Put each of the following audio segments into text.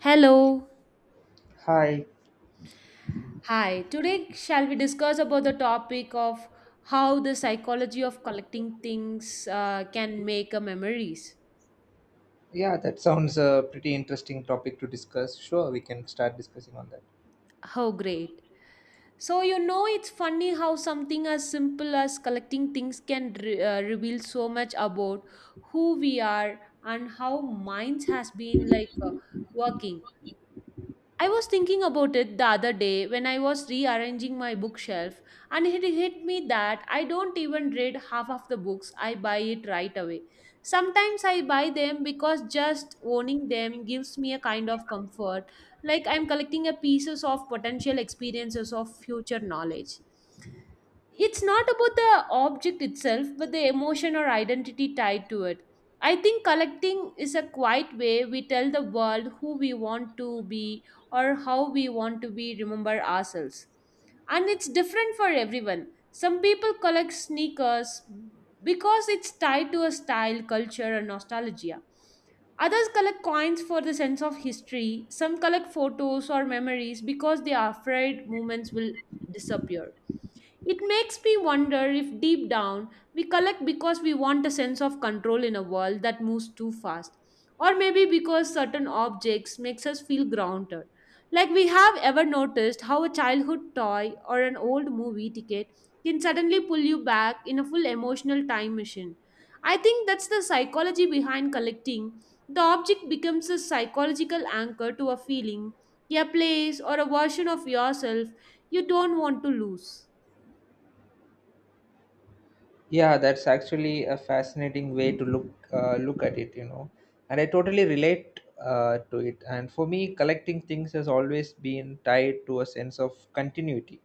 Hello. Hi. Hi. Today shall we discuss about the topic of how the psychology of collecting things can make a memories. Yeah, that sounds a pretty interesting topic to discuss. Sure, we can start discussing on that. How great. So you know it's funny how something as simple as collecting things can reveal so much about who we are and how minds has been like working. I was thinking about it the other day when I was rearranging my bookshelf, and it hit me that I don't even read half of the books. I buy it right away. Sometimes I buy them because just owning them gives me a kind of comfort, like I'm collecting a pieces of potential experiences of future knowledge. It's not about the object itself, but the emotion or identity tied to it. I think collecting is a quiet way we tell the world who we want to be or how we want to be remember ourselves. And it's different for everyone. Some people collect sneakers because it's tied to a style culture and nostalgia. Others collect coins for the sense of history. Some collect photos or memories because they are afraid moments will disappear. It makes me wonder if deep down we collect because we want a sense of control in a world that moves too fast, or maybe because certain objects makes us feel grounded. Like we have ever noticed how a childhood toy or an old movie ticket can suddenly pull you back in a full emotional time machine. I think that's the psychology behind collecting. The object becomes a psychological anchor to a feeling, a place, or a version of yourself you don't want to lose. Yeah, that's actually a fascinating way to look at it, you know. And I totally relate to it. And for me, collecting things has always been tied to a sense of continuity.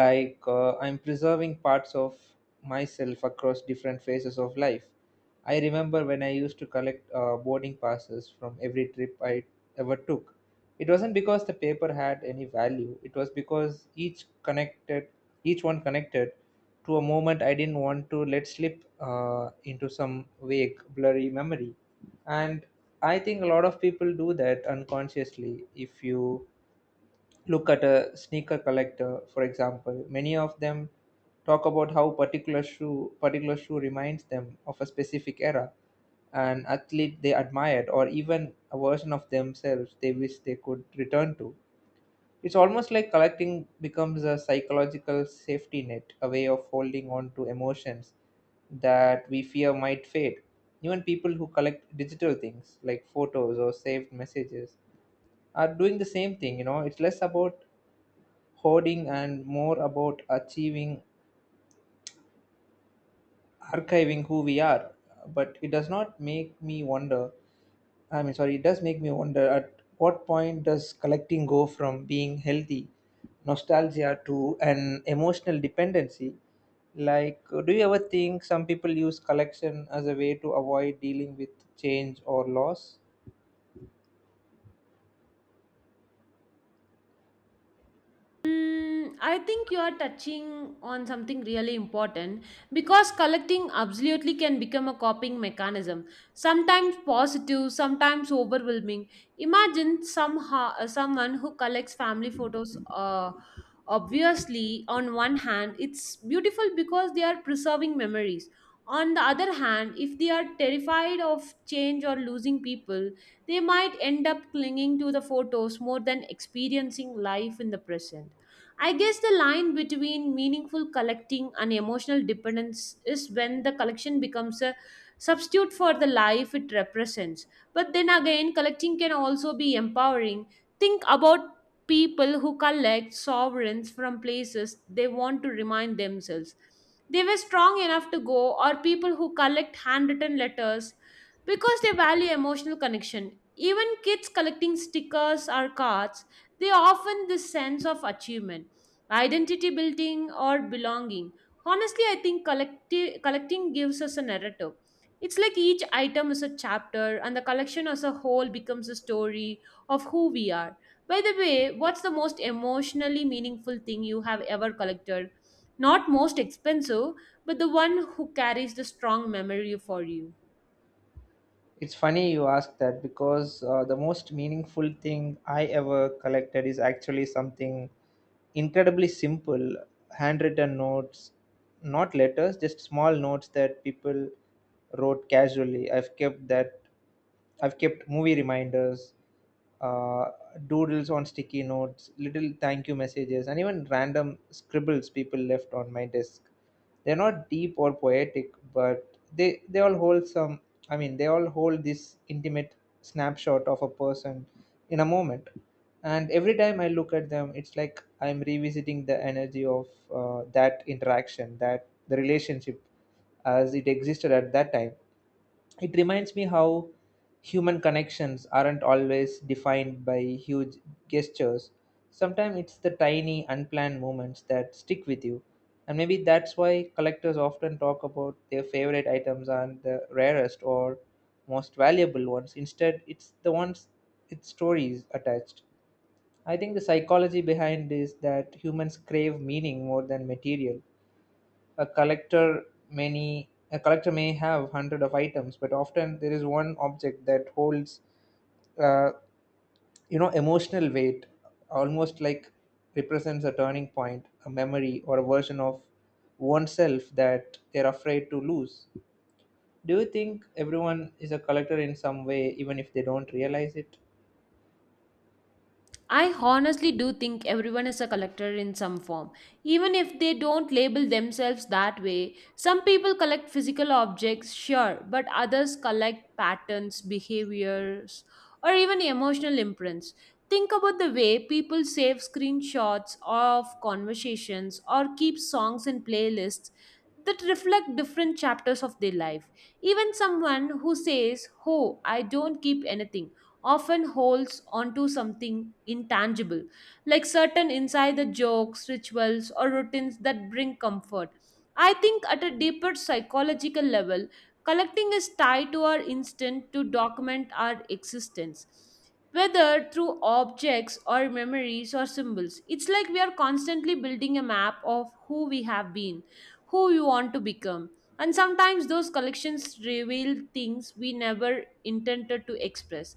Like I'm preserving parts of myself across different phases of life. I remember when I used to collect boarding passes from every trip I ever took. It wasn't because the paper had any value, it was because each one connected to a moment I didn't want to let slip into some vague, blurry memory. And I think a lot of people do that unconsciously. If you look at a sneaker collector, for example, many of them talk about how particular shoe reminds them of a specific era, an athlete they admired, or even a version of themselves they wish they could return to. It's almost like collecting becomes a psychological safety net, a way of holding on to emotions that we fear might fade. Even people who collect digital things like photos or saved messages are doing the same thing, you know. It's less about hoarding and more about achieving archiving who we are. But it does not make me wonder I mean sorry it does make me wonder, at what point does collecting go from being healthy nostalgia to an emotional dependency? Like, do you ever think some people use collection as a way to avoid dealing with change or loss? Mm, I think you are touching on something really important because collecting absolutely can become a coping mechanism, sometimes positive, sometimes overwhelming. Imagine somehow someone who collects family photos. Obviously, on one hand, it's beautiful because they are preserving memories. On the other hand, if they are terrified of change or losing people, they might end up clinging to the photos more than experiencing life in the present. I guess the line between meaningful collecting and emotional dependence is when the collection becomes a substitute for the life it represents. But then again, collecting can also be empowering. Think about people who collect sovereigns from places they want to remind themselves. They were strong enough to go, or people who collect handwritten letters because they value emotional connection. Even kids collecting stickers or cards, they often this sense of achievement, identity building, or belonging. Honestly, I think collecting gives us a narrative. It's like each item is a chapter and the collection as a whole becomes a story of who we are. By the way, what's the most emotionally meaningful thing you have ever collected, not most expensive, but the one who carries the strong memory for you? It's funny you ask that, because the most meaningful thing I ever collected is actually something incredibly simple. Handwritten notes, not letters, just small notes that people wrote casually. I've kept movie reminders, uh, doodles on sticky notes, little thank you messages, and even random scribbles people left on my desk. They're not deep or poetic, but they all hold some. I mean, they all hold this intimate snapshot of a person in a moment. And every time I look at them, it's like I'm revisiting the energy of that interaction, that the relationship as it existed at that time. It reminds me how human connections aren't always defined by huge gestures. Sometimes it's the tiny, unplanned moments that stick with you. And maybe that's why collectors often talk about their favorite items and the rarest or most valuable ones. Instead, it's the ones with stories attached. I think the psychology behind is that humans crave meaning more than material. A collector, may have hundred of items, but often there is one object that holds, uh, emotional weight, almost like represents a turning point, a memory, or a version of oneself that they're afraid to lose. Do you think everyone is a collector in some way, even if they don't realize it? I honestly do think everyone is a collector in some form. Even if they don't label themselves that way, some people collect physical objects, sure, but others collect patterns, behaviors, or even emotional imprints. Think about the way people save screenshots of conversations or keep songs and playlists that reflect different chapters of their life. Even someone who says, "Oh, I don't keep anything," often holds onto something intangible, like certain insider jokes, rituals, or routines that bring comfort. I think at a deeper psychological level, collecting is tied to our instinct to document our existence, whether through objects or memories or symbols. It's like we are constantly building a map of who we have been, who we want to become, and sometimes those collections reveal things we never intended to express.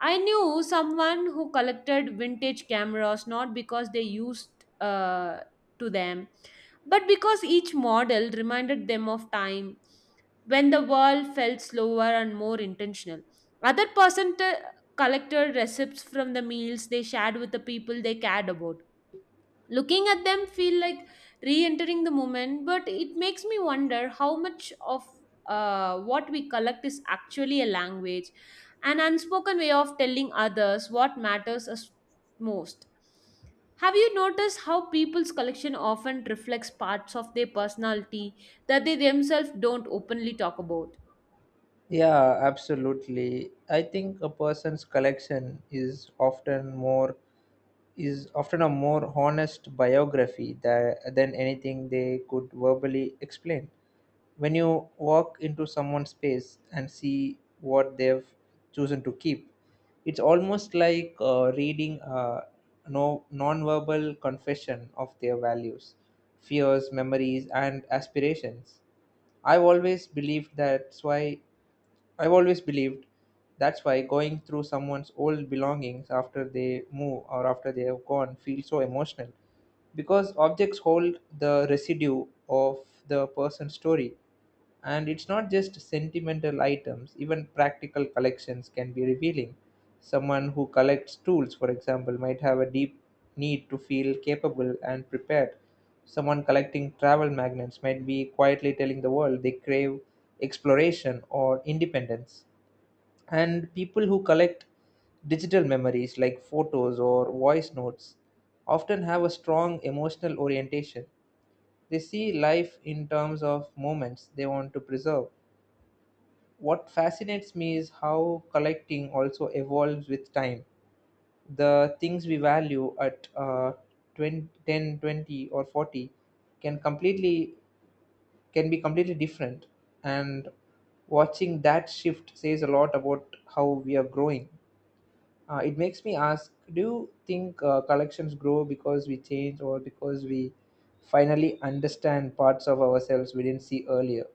I knew someone who collected vintage cameras not because they used uh, to them, but because each model reminded them of time when the world felt slower and more intentional. Other person collected receipts from the meals they shared with the people they cared about. Looking at them feel like re-entering the moment. But it makes me wonder how much of what we collect is actually a language, an unspoken way of telling others what matters us most. Have you noticed how people's collection often reflects parts of their personality that they themselves don't openly talk about? Yeah, absolutely. I think a person's collection is often a more honest biography than anything they could verbally explain. When you walk into someone's space and see what they've chosen to keep, it's almost like reading a no, non-verbal confession of their values, fears, memories, and aspirations. I've always believed that's why I've always believed that's why going through someone's old belongings after they move or after they have gone feels so emotional, because objects hold the residue of the person's story. And it's not just sentimental items, even practical collections can be revealing. Someone who collects tools, for example, might have a deep need to feel capable and prepared. Someone collecting travel magnets might be quietly telling the world they crave exploration or independence. And people who collect digital memories like photos or voice notes often have a strong emotional orientation. They see life in terms of moments they want to preserve. What fascinates me is how collecting also evolves with time. The things we value at 20, 10, 20 or 40 can completely can be completely different. And watching that shift says a lot about how we are growing. It makes me ask, do you think collections grow because we change, or because we finally understand parts of ourselves we didn't see earlier?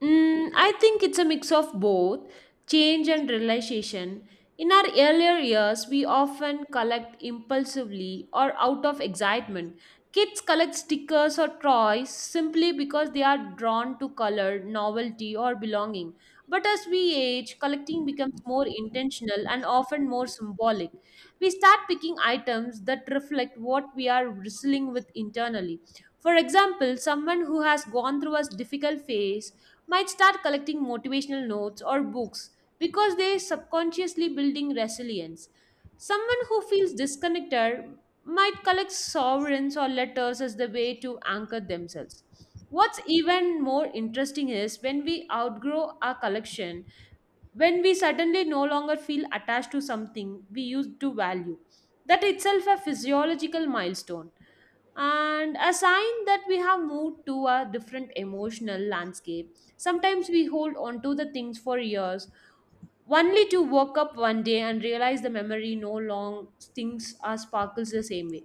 Mm, I think it's a mix of both change and realization. In our earlier years, we often collect impulsively or out of excitement. Kids collect stickers or toys simply because they are drawn to color, novelty, or belonging. But as we age, collecting becomes more intentional and often more symbolic. We start picking items that reflect what we are wrestling with internally. For example, someone who has gone through a difficult phase might start collecting motivational notes or books because they are subconsciously building resilience. Someone who feels disconnected might collect sovereigns or letters as the way to anchor themselves. What's even more interesting is when we outgrow our collection, when we suddenly no longer feel attached to something we used to value. That itself a physiological milestone and a sign that we have moved to a different emotional landscape. Sometimes we hold on to the things for years, only to wake up one day and realize the memory no long stings or sparkles the same way.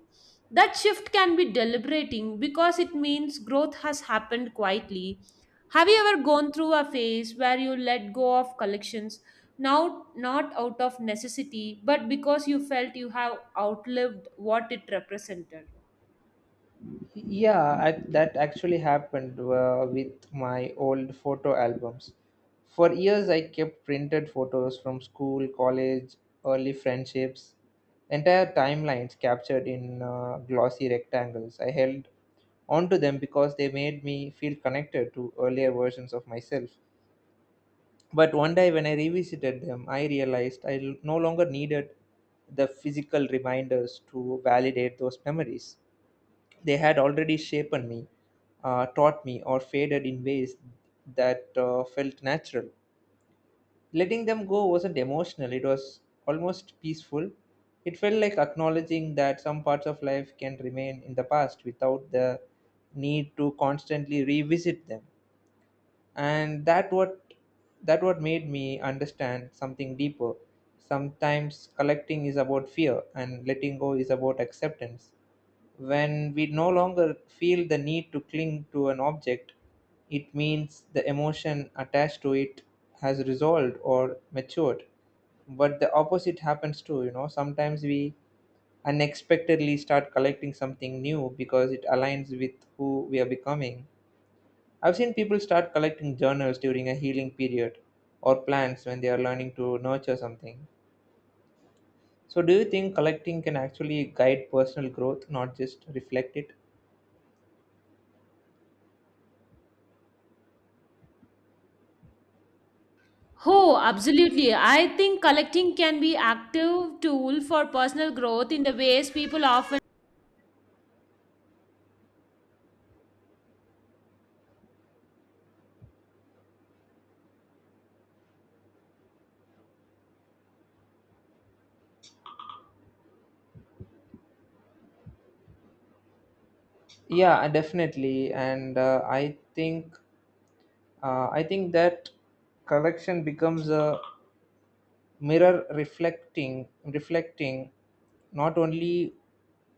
That shift can be deliberating because it means growth has happened quietly. Have you ever gone through a phase where you let go of collections, now not out of necessity, but because you felt you have outlived what it represented? Yeah, that actually happened with my old photo albums. For years, I kept printed photos from school, college, early friendships, entire timelines captured in glossy rectangles. I held onto them because they made me feel connected to earlier versions of myself. But one day, when I revisited them, I realized I no longer needed the physical reminders to validate those memories. They had already shaped me, taught me, or faded in ways that felt natural. Letting them go wasn't emotional, it was almost peaceful. It felt like acknowledging that some parts of life can remain in the past without the need to constantly revisit them. And that what made me understand something deeper. Sometimes collecting is about fear, and letting go is about acceptance. When we no longer feel the need to cling to an object, it means the emotion attached to it has resolved or matured. But the opposite happens too, you know. Sometimes we unexpectedly start collecting something new because it aligns with who we are becoming. I've seen people start collecting journals during a healing period, or plants when they are learning to nurture something. So, do you think collecting can actually guide personal growth, not just reflect it? Oh, absolutely. I think collecting can be active tool for personal growth in the ways people often. Yeah, definitely. And I think that collection becomes a mirror reflecting not only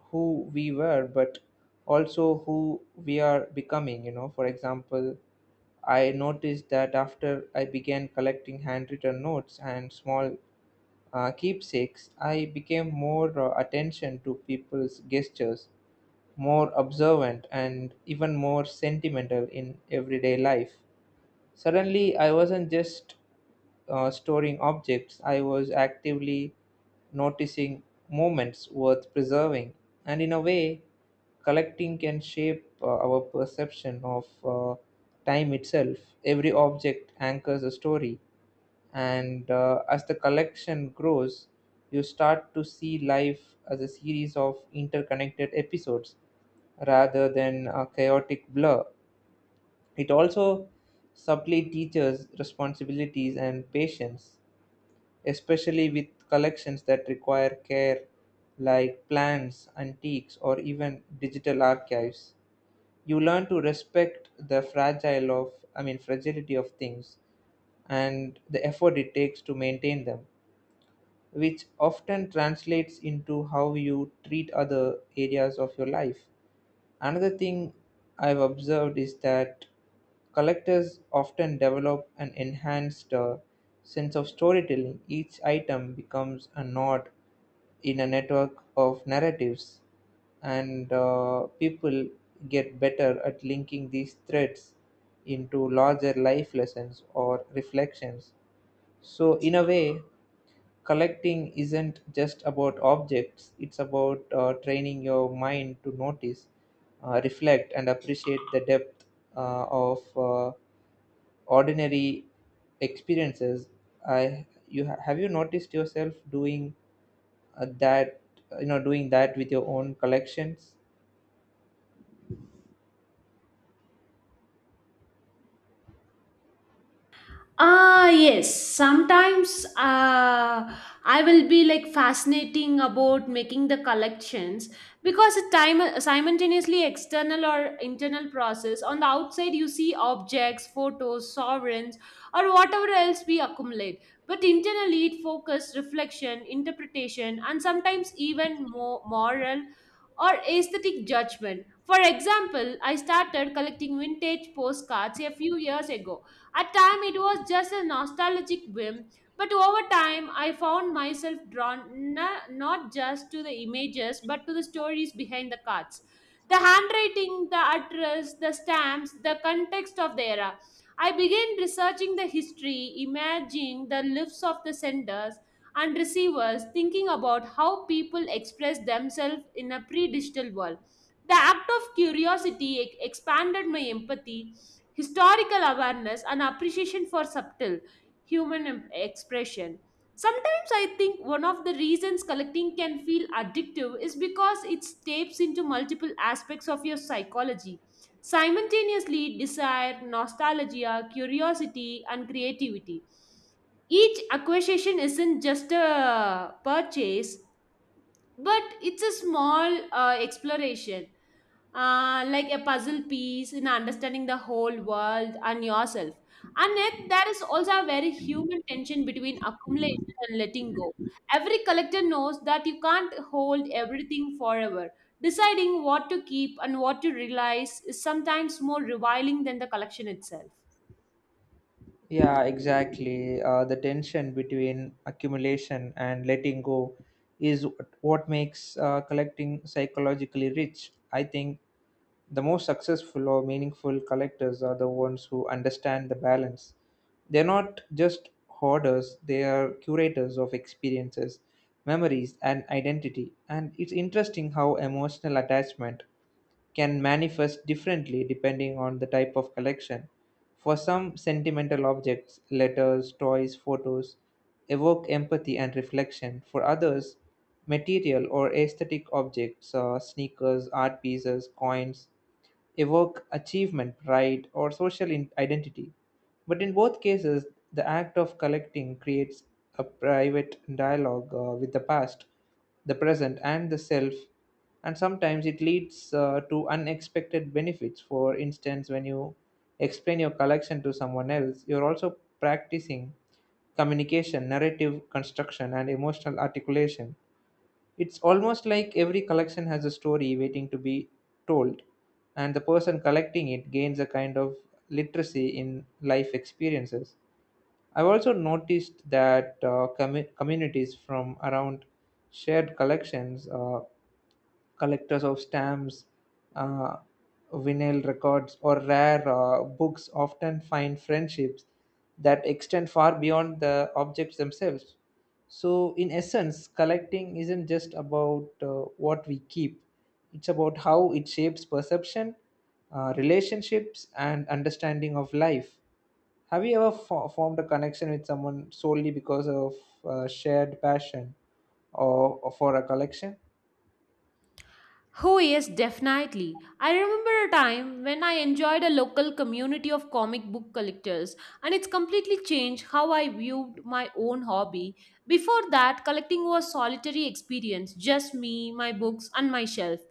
who we were but also who we are becoming, you know. For example, I noticed that after I began collecting handwritten notes and small keepsakes, I became more attention to people's gestures, more observant, and even more sentimental in everyday life. Suddenly, I wasn't just storing objects, I was actively noticing moments worth preserving. And in a way, collecting can shape our perception of time itself. Every object anchors a story, and as the collection grows, you start to see life as a series of interconnected episodes rather than a chaotic blur. It also subtly teaches responsibilities and patience, especially with collections that require care, like plants, antiques, or even digital archives. You learn to respect the fragile of I mean fragility of things and the effort it takes to maintain them, which often translates into how you treat other areas of your life. Another thing I've observed is that collectors often develop an enhanced sense of storytelling. Each item becomes a node in a network of narratives, and people get better at linking these threads into larger life lessons or reflections. So, in a way, collecting isn't just about objects, it's about training your mind to notice, reflect, and appreciate the depth of ordinary experiences. Have you noticed yourself doing that, you know, doing that with your own collections? Ah, yes. Sometimes I will be like fascinating about making the collections because a time simultaneously external or internal process. On the outside, you see objects, photos, sovereigns, or whatever else we accumulate. But internally, it focus, reflection, interpretation, and sometimes even more moral or aesthetic judgment. For example, I started collecting vintage postcards a few years ago. At time it was just a nostalgic whim, but over time I found myself drawn not just to the images but to the stories behind the cards. The handwriting, the address, the stamps, the context of the era. I began researching the history, imagining the lives of the senders and receivers, thinking about how people express themselves in a pre digital world. The act of curiosity expanded my empathy, historical awareness, and appreciation for subtle human expression. Sometimes I think one of the reasons collecting can feel addictive is because it taps into multiple aspects of your psychology. Simultaneously, desire, nostalgia, curiosity, and creativity. Each acquisition isn't just a purchase, but it's a small exploration, like a puzzle piece in understanding the whole world and yourself. And yet, there is also a very human tension between accumulation and letting go. Every collector knows that you can't hold everything forever. Deciding what to keep and what to realize is sometimes more revealing than the collection itself. Yeah, exactly. The tension between accumulation and letting go is what makes collecting psychologically rich. I think the most successful or meaningful collectors are the ones who understand the balance. They're not just hoarders, they are curators of experiences, memories, and identity. And it's interesting how emotional attachment can manifest differently depending on the type of collection. For some, sentimental objects, letters, toys, photos, evoke empathy and reflection. For others, material or aesthetic objects, sneakers, art pieces, coins, evoke achievement, pride, or social identity. But in both cases, the act of collecting creates a private dialogue with the past, the present, and the self, and sometimes it leads to unexpected benefits. For instance, when you explain your collection to someone else, you're also practicing communication, narrative construction, and emotional articulation. It's almost like every collection has a story waiting to be told, and the person collecting it gains a kind of literacy in life experiences. I've also noticed that communities from around shared collections. Collectors of stamps, uh, vinyl records, or rare books often find friendships that extend far beyond the objects themselves. So, in essence, collecting isn't just about what we keep, it's about how it shapes perception, relationships, and understanding of life. Have you ever formed a connection with someone solely because of shared passion, or for a collection? Oh, yes, definitely. I remember a time when I enjoyed a local community of comic book collectors, and it's completely changed how I viewed my own hobby. Before that, collecting was solitary experience, just me, my books, and my shelf.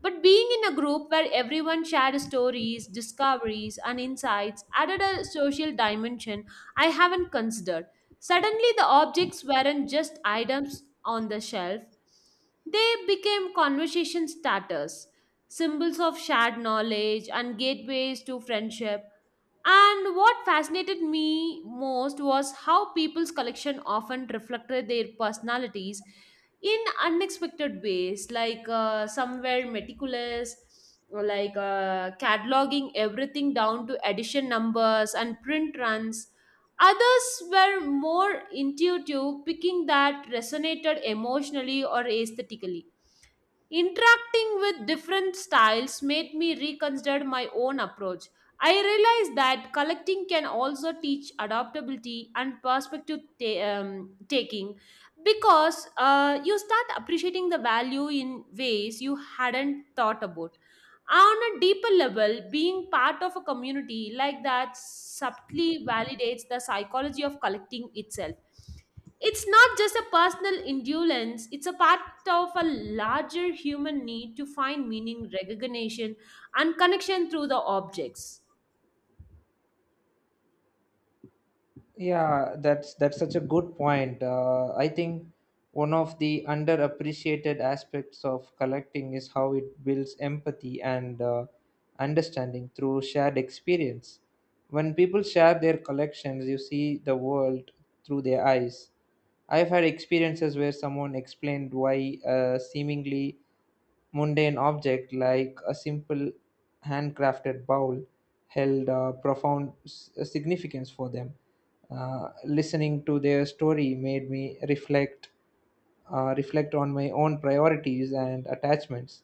But being in a group where everyone shared stories, discoveries, and insights added a social dimension I haven't considered. Suddenly, the objects weren't just items on the shelf, they became conversation starters, symbols of shared knowledge, and gateways to friendship. And what fascinated me most was how people's collection often reflected their personalities in unexpected ways, like some were meticulous, like cataloging everything down to edition numbers and print runs. Others were more intuitive, picking that resonated emotionally or aesthetically. Interacting with different styles made me reconsider my own approach. I realized that collecting can also teach adaptability and perspective taking because you start appreciating the value in ways you hadn't thought about. On a deeper level, being part of a community like that subtly validates the psychology of collecting itself. It's not just a personal endurance, it's a part of a larger human need to find meaning, recognition, and connection through the objects. Yeah, that's such a good point. I think one of the underappreciated aspects of collecting is how it builds empathy and understanding through shared experience. When people share their collections, you see the world through their eyes. I've had experiences where someone explained why a seemingly mundane object like a simple handcrafted bowl held a profound significance for them. Listening to their story made me reflect on my own priorities and attachments.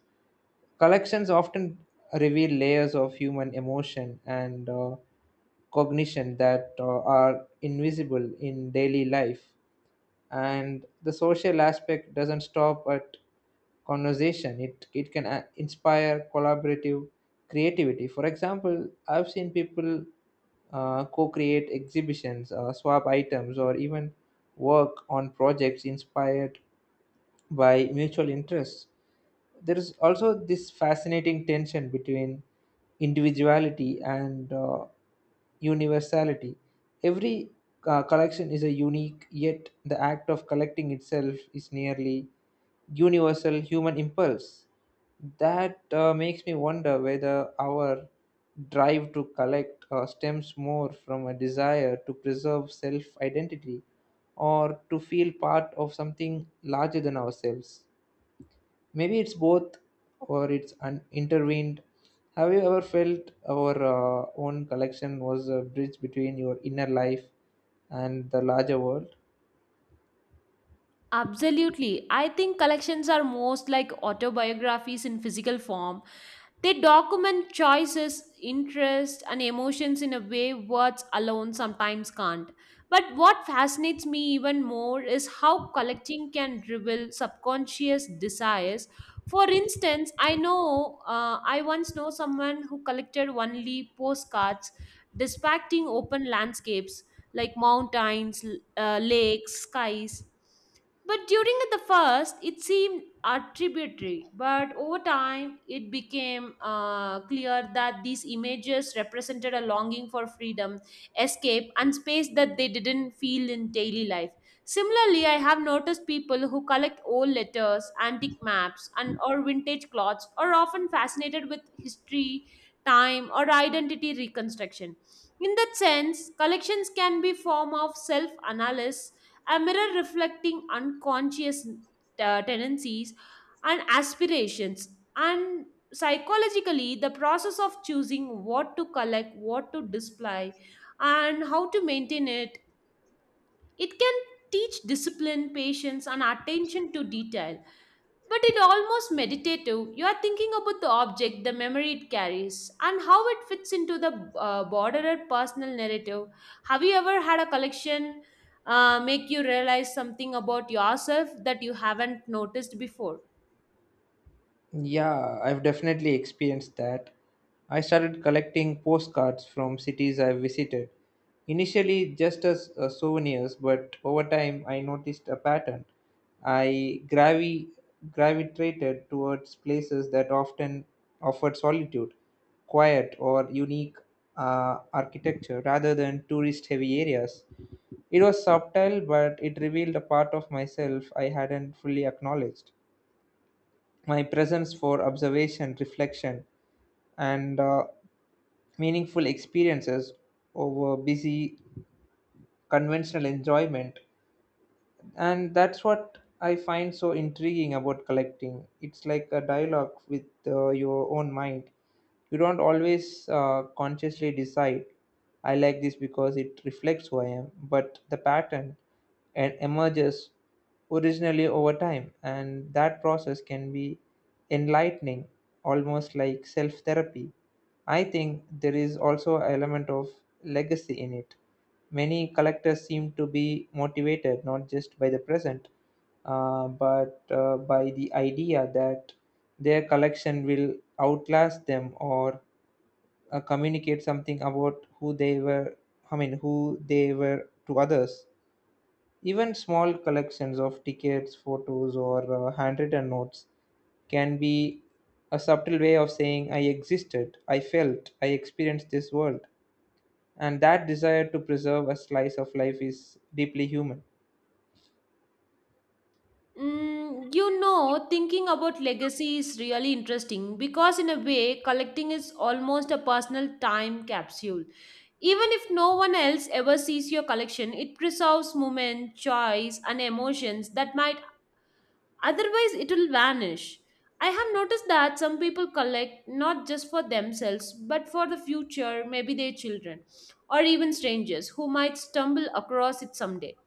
Collections often reveal layers of human emotion and cognition that are invisible in daily life, and the social aspect doesn't stop at conversation. It can inspire collaborative creativity. For example, I've seen people co-create exhibitions, swap items, or even work on projects inspired by mutual interests. There is also this fascinating tension between individuality and universality. Every collection is a unique, yet the act of collecting itself is nearly universal human impulse. That makes me wonder whether our drive to collect stems more from a desire to preserve self identity or to feel part of something larger than ourselves. Maybe it's both, or it's intervened. Have you ever felt our own collection was a bridge between your inner life and the larger world? Absolutely. I think collections are most like autobiographies in physical form. They document choices, interests, and emotions in a way words alone sometimes can't. But what fascinates me even more is how collecting can reveal subconscious desires. For instance, I once know someone who collected only postcards depicting open landscapes like mountains, lakes, skies. But during the first, it seemed attributary, but over time, it became clear that these images represented a longing for freedom, escape, and space that they didn't feel in daily life. Similarly, I have noticed people who collect old letters, antique maps, and or vintage clothes are often fascinated with history, time, or identity reconstruction. In that sense, collections can be form of self-analysis, a mirror reflecting unconscious tendencies and aspirations. And psychologically, the process of choosing what to collect, what to display, and how to maintain it, it can teach discipline, patience, and attention to detail, but it almost meditative. You are thinking about the object, the memory it carries, and how it fits into the broader personal narrative. Have you ever had a collection make you realize something about yourself that you haven't noticed before? Yeah, I've definitely experienced that. I started collecting postcards from cities I've visited. Initially, just as souvenirs, but over time, I noticed a pattern. I gravi- gravitated towards places that often offered solitude, quiet, or unique architecture rather than tourist heavy areas. It was subtle, but it revealed a part of myself I hadn't fully acknowledged: my presence for observation, reflection, and meaningful experiences over busy conventional enjoyment. And that's what I find so intriguing about collecting. It's like a dialogue with your own mind. You don't always consciously decide I like this because it reflects who I am, but the pattern and emerges originally over time, and that process can be enlightening, almost like self therapy. I think there is also an element of legacy in it. Many collectors seem to be motivated not just by the present, but by the idea that their collection will outlast them, or communicate something about who they were, I mean, who they were to others. Even small collections of tickets, photos, or handwritten notes can be a subtle way of saying, I existed, I felt, I experienced this world. And that desire to preserve a slice of life is deeply human. Mm, you know, thinking about legacy is really interesting because, in a way, collecting is almost a personal time capsule. Even if no one else ever sees your collection, it preserves moments, joys, and emotions that might otherwise, it will vanish. I have noticed that some people collect not just for themselves but for the future, maybe their children, or even strangers who might stumble across it someday.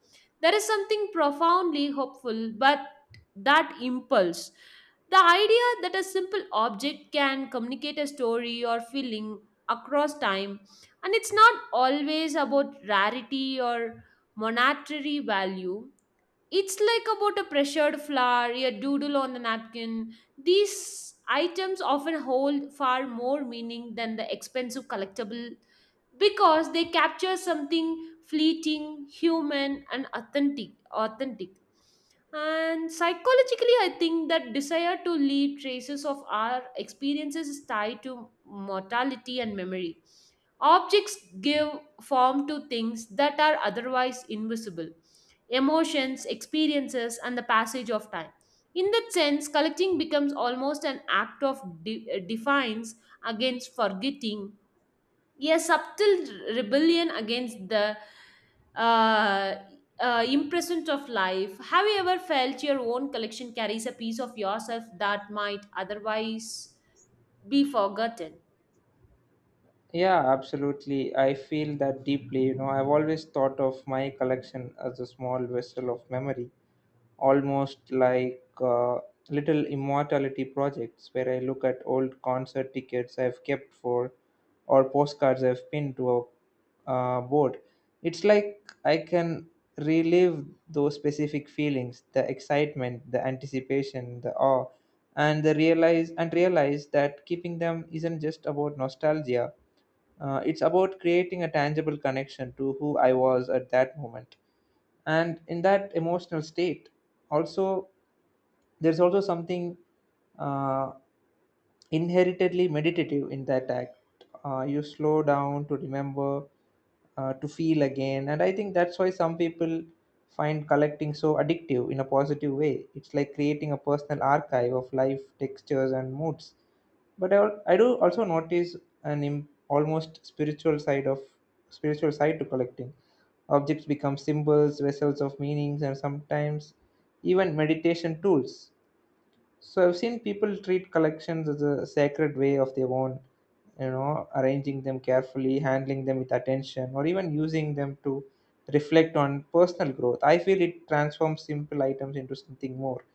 There is something profoundly hopeful, but that impulse, the idea that a simple object can communicate a story or feeling across time, and it's not always about rarity or monetary value, it's like about a pressured flower, a doodle on the napkin. These items often hold far more meaning than the expensive collectible because they capture something fleeting, human, and authentic. Authentic. And psychologically, I think that desire to leave traces of our experiences is tied to mortality and memory. Objects give form to things that are otherwise invisible, emotions, experiences, and the passage of time. In that sense, collecting becomes almost an act of defiance against forgetting, a subtle rebellion against the uh, impressment of life. Have you ever felt your own collection carries a piece of yourself that might otherwise be forgotten? Yeah, absolutely, I feel that deeply. You know, I've always thought of my collection as a small vessel of memory, almost like little immortality projects, where I look at old concert tickets I've kept for, or postcards I've pinned to a board. It's like I can relive those specific feelings, the excitement, the anticipation, the awe, and the realize and realize that keeping them isn't just about nostalgia. It's about creating a tangible connection to who I was at that moment and in that emotional state. Also, there's also something uh, inherently meditative in that act. You slow down to remember, to feel again, and I think that's why some people find collecting so addictive in a positive way. It's like creating a personal archive of life, textures, and moods. But I do also notice an almost spiritual side of spiritual side to collecting. Objects become symbols, vessels of meanings, and sometimes even meditation tools. So I've seen people treat collections as a sacred way of their own, you know, arranging them carefully, handling them with attention, or even using them to reflect on personal growth. I feel it transforms simple items into something more,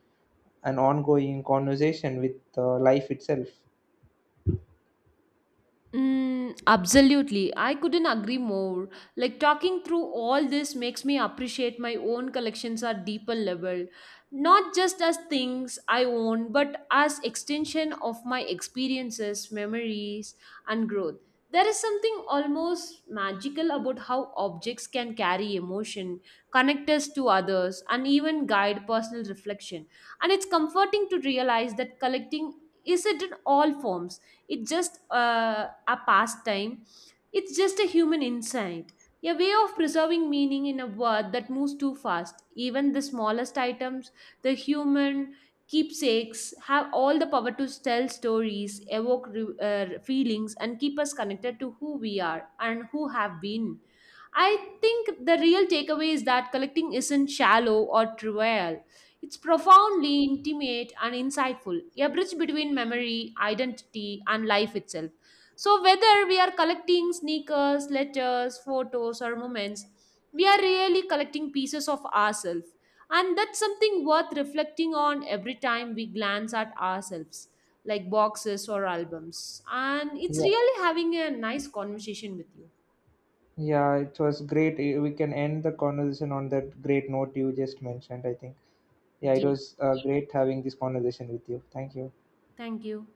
an ongoing conversation with life itself. Mm, absolutely. I couldn't agree more. Like talking through all this makes me appreciate my own collections at deeper level, not just as things I own, but as extension of my experiences, memories, and growth. There is something almost magical about how objects can carry emotion, connect us to others, and even guide personal reflection. And it's comforting to realize that collecting is it in all forms, it's just a pastime, it's just a human insight, a way of preserving meaning in a world that moves too fast. Even the smallest items, the human keepsakes, have all the power to tell stories, evoke feelings, and keep us connected to who we are and who have been. I think the real takeaway is that collecting isn't shallow or trivial. It's profoundly intimate and insightful, a bridge between memory, identity, and life itself. So, whether we are collecting sneakers, letters, photos, or moments, we are really collecting pieces of ourselves. And that's something worth reflecting on every time we glance at ourselves, like boxes or albums. And it's Yeah, really having a nice conversation with you. yeah, it was great. Eh, we can end the conversation on that great note you just mentioned, I think. Yeah, it Yeah. was great having this conversation with you. Thank you. Thank you.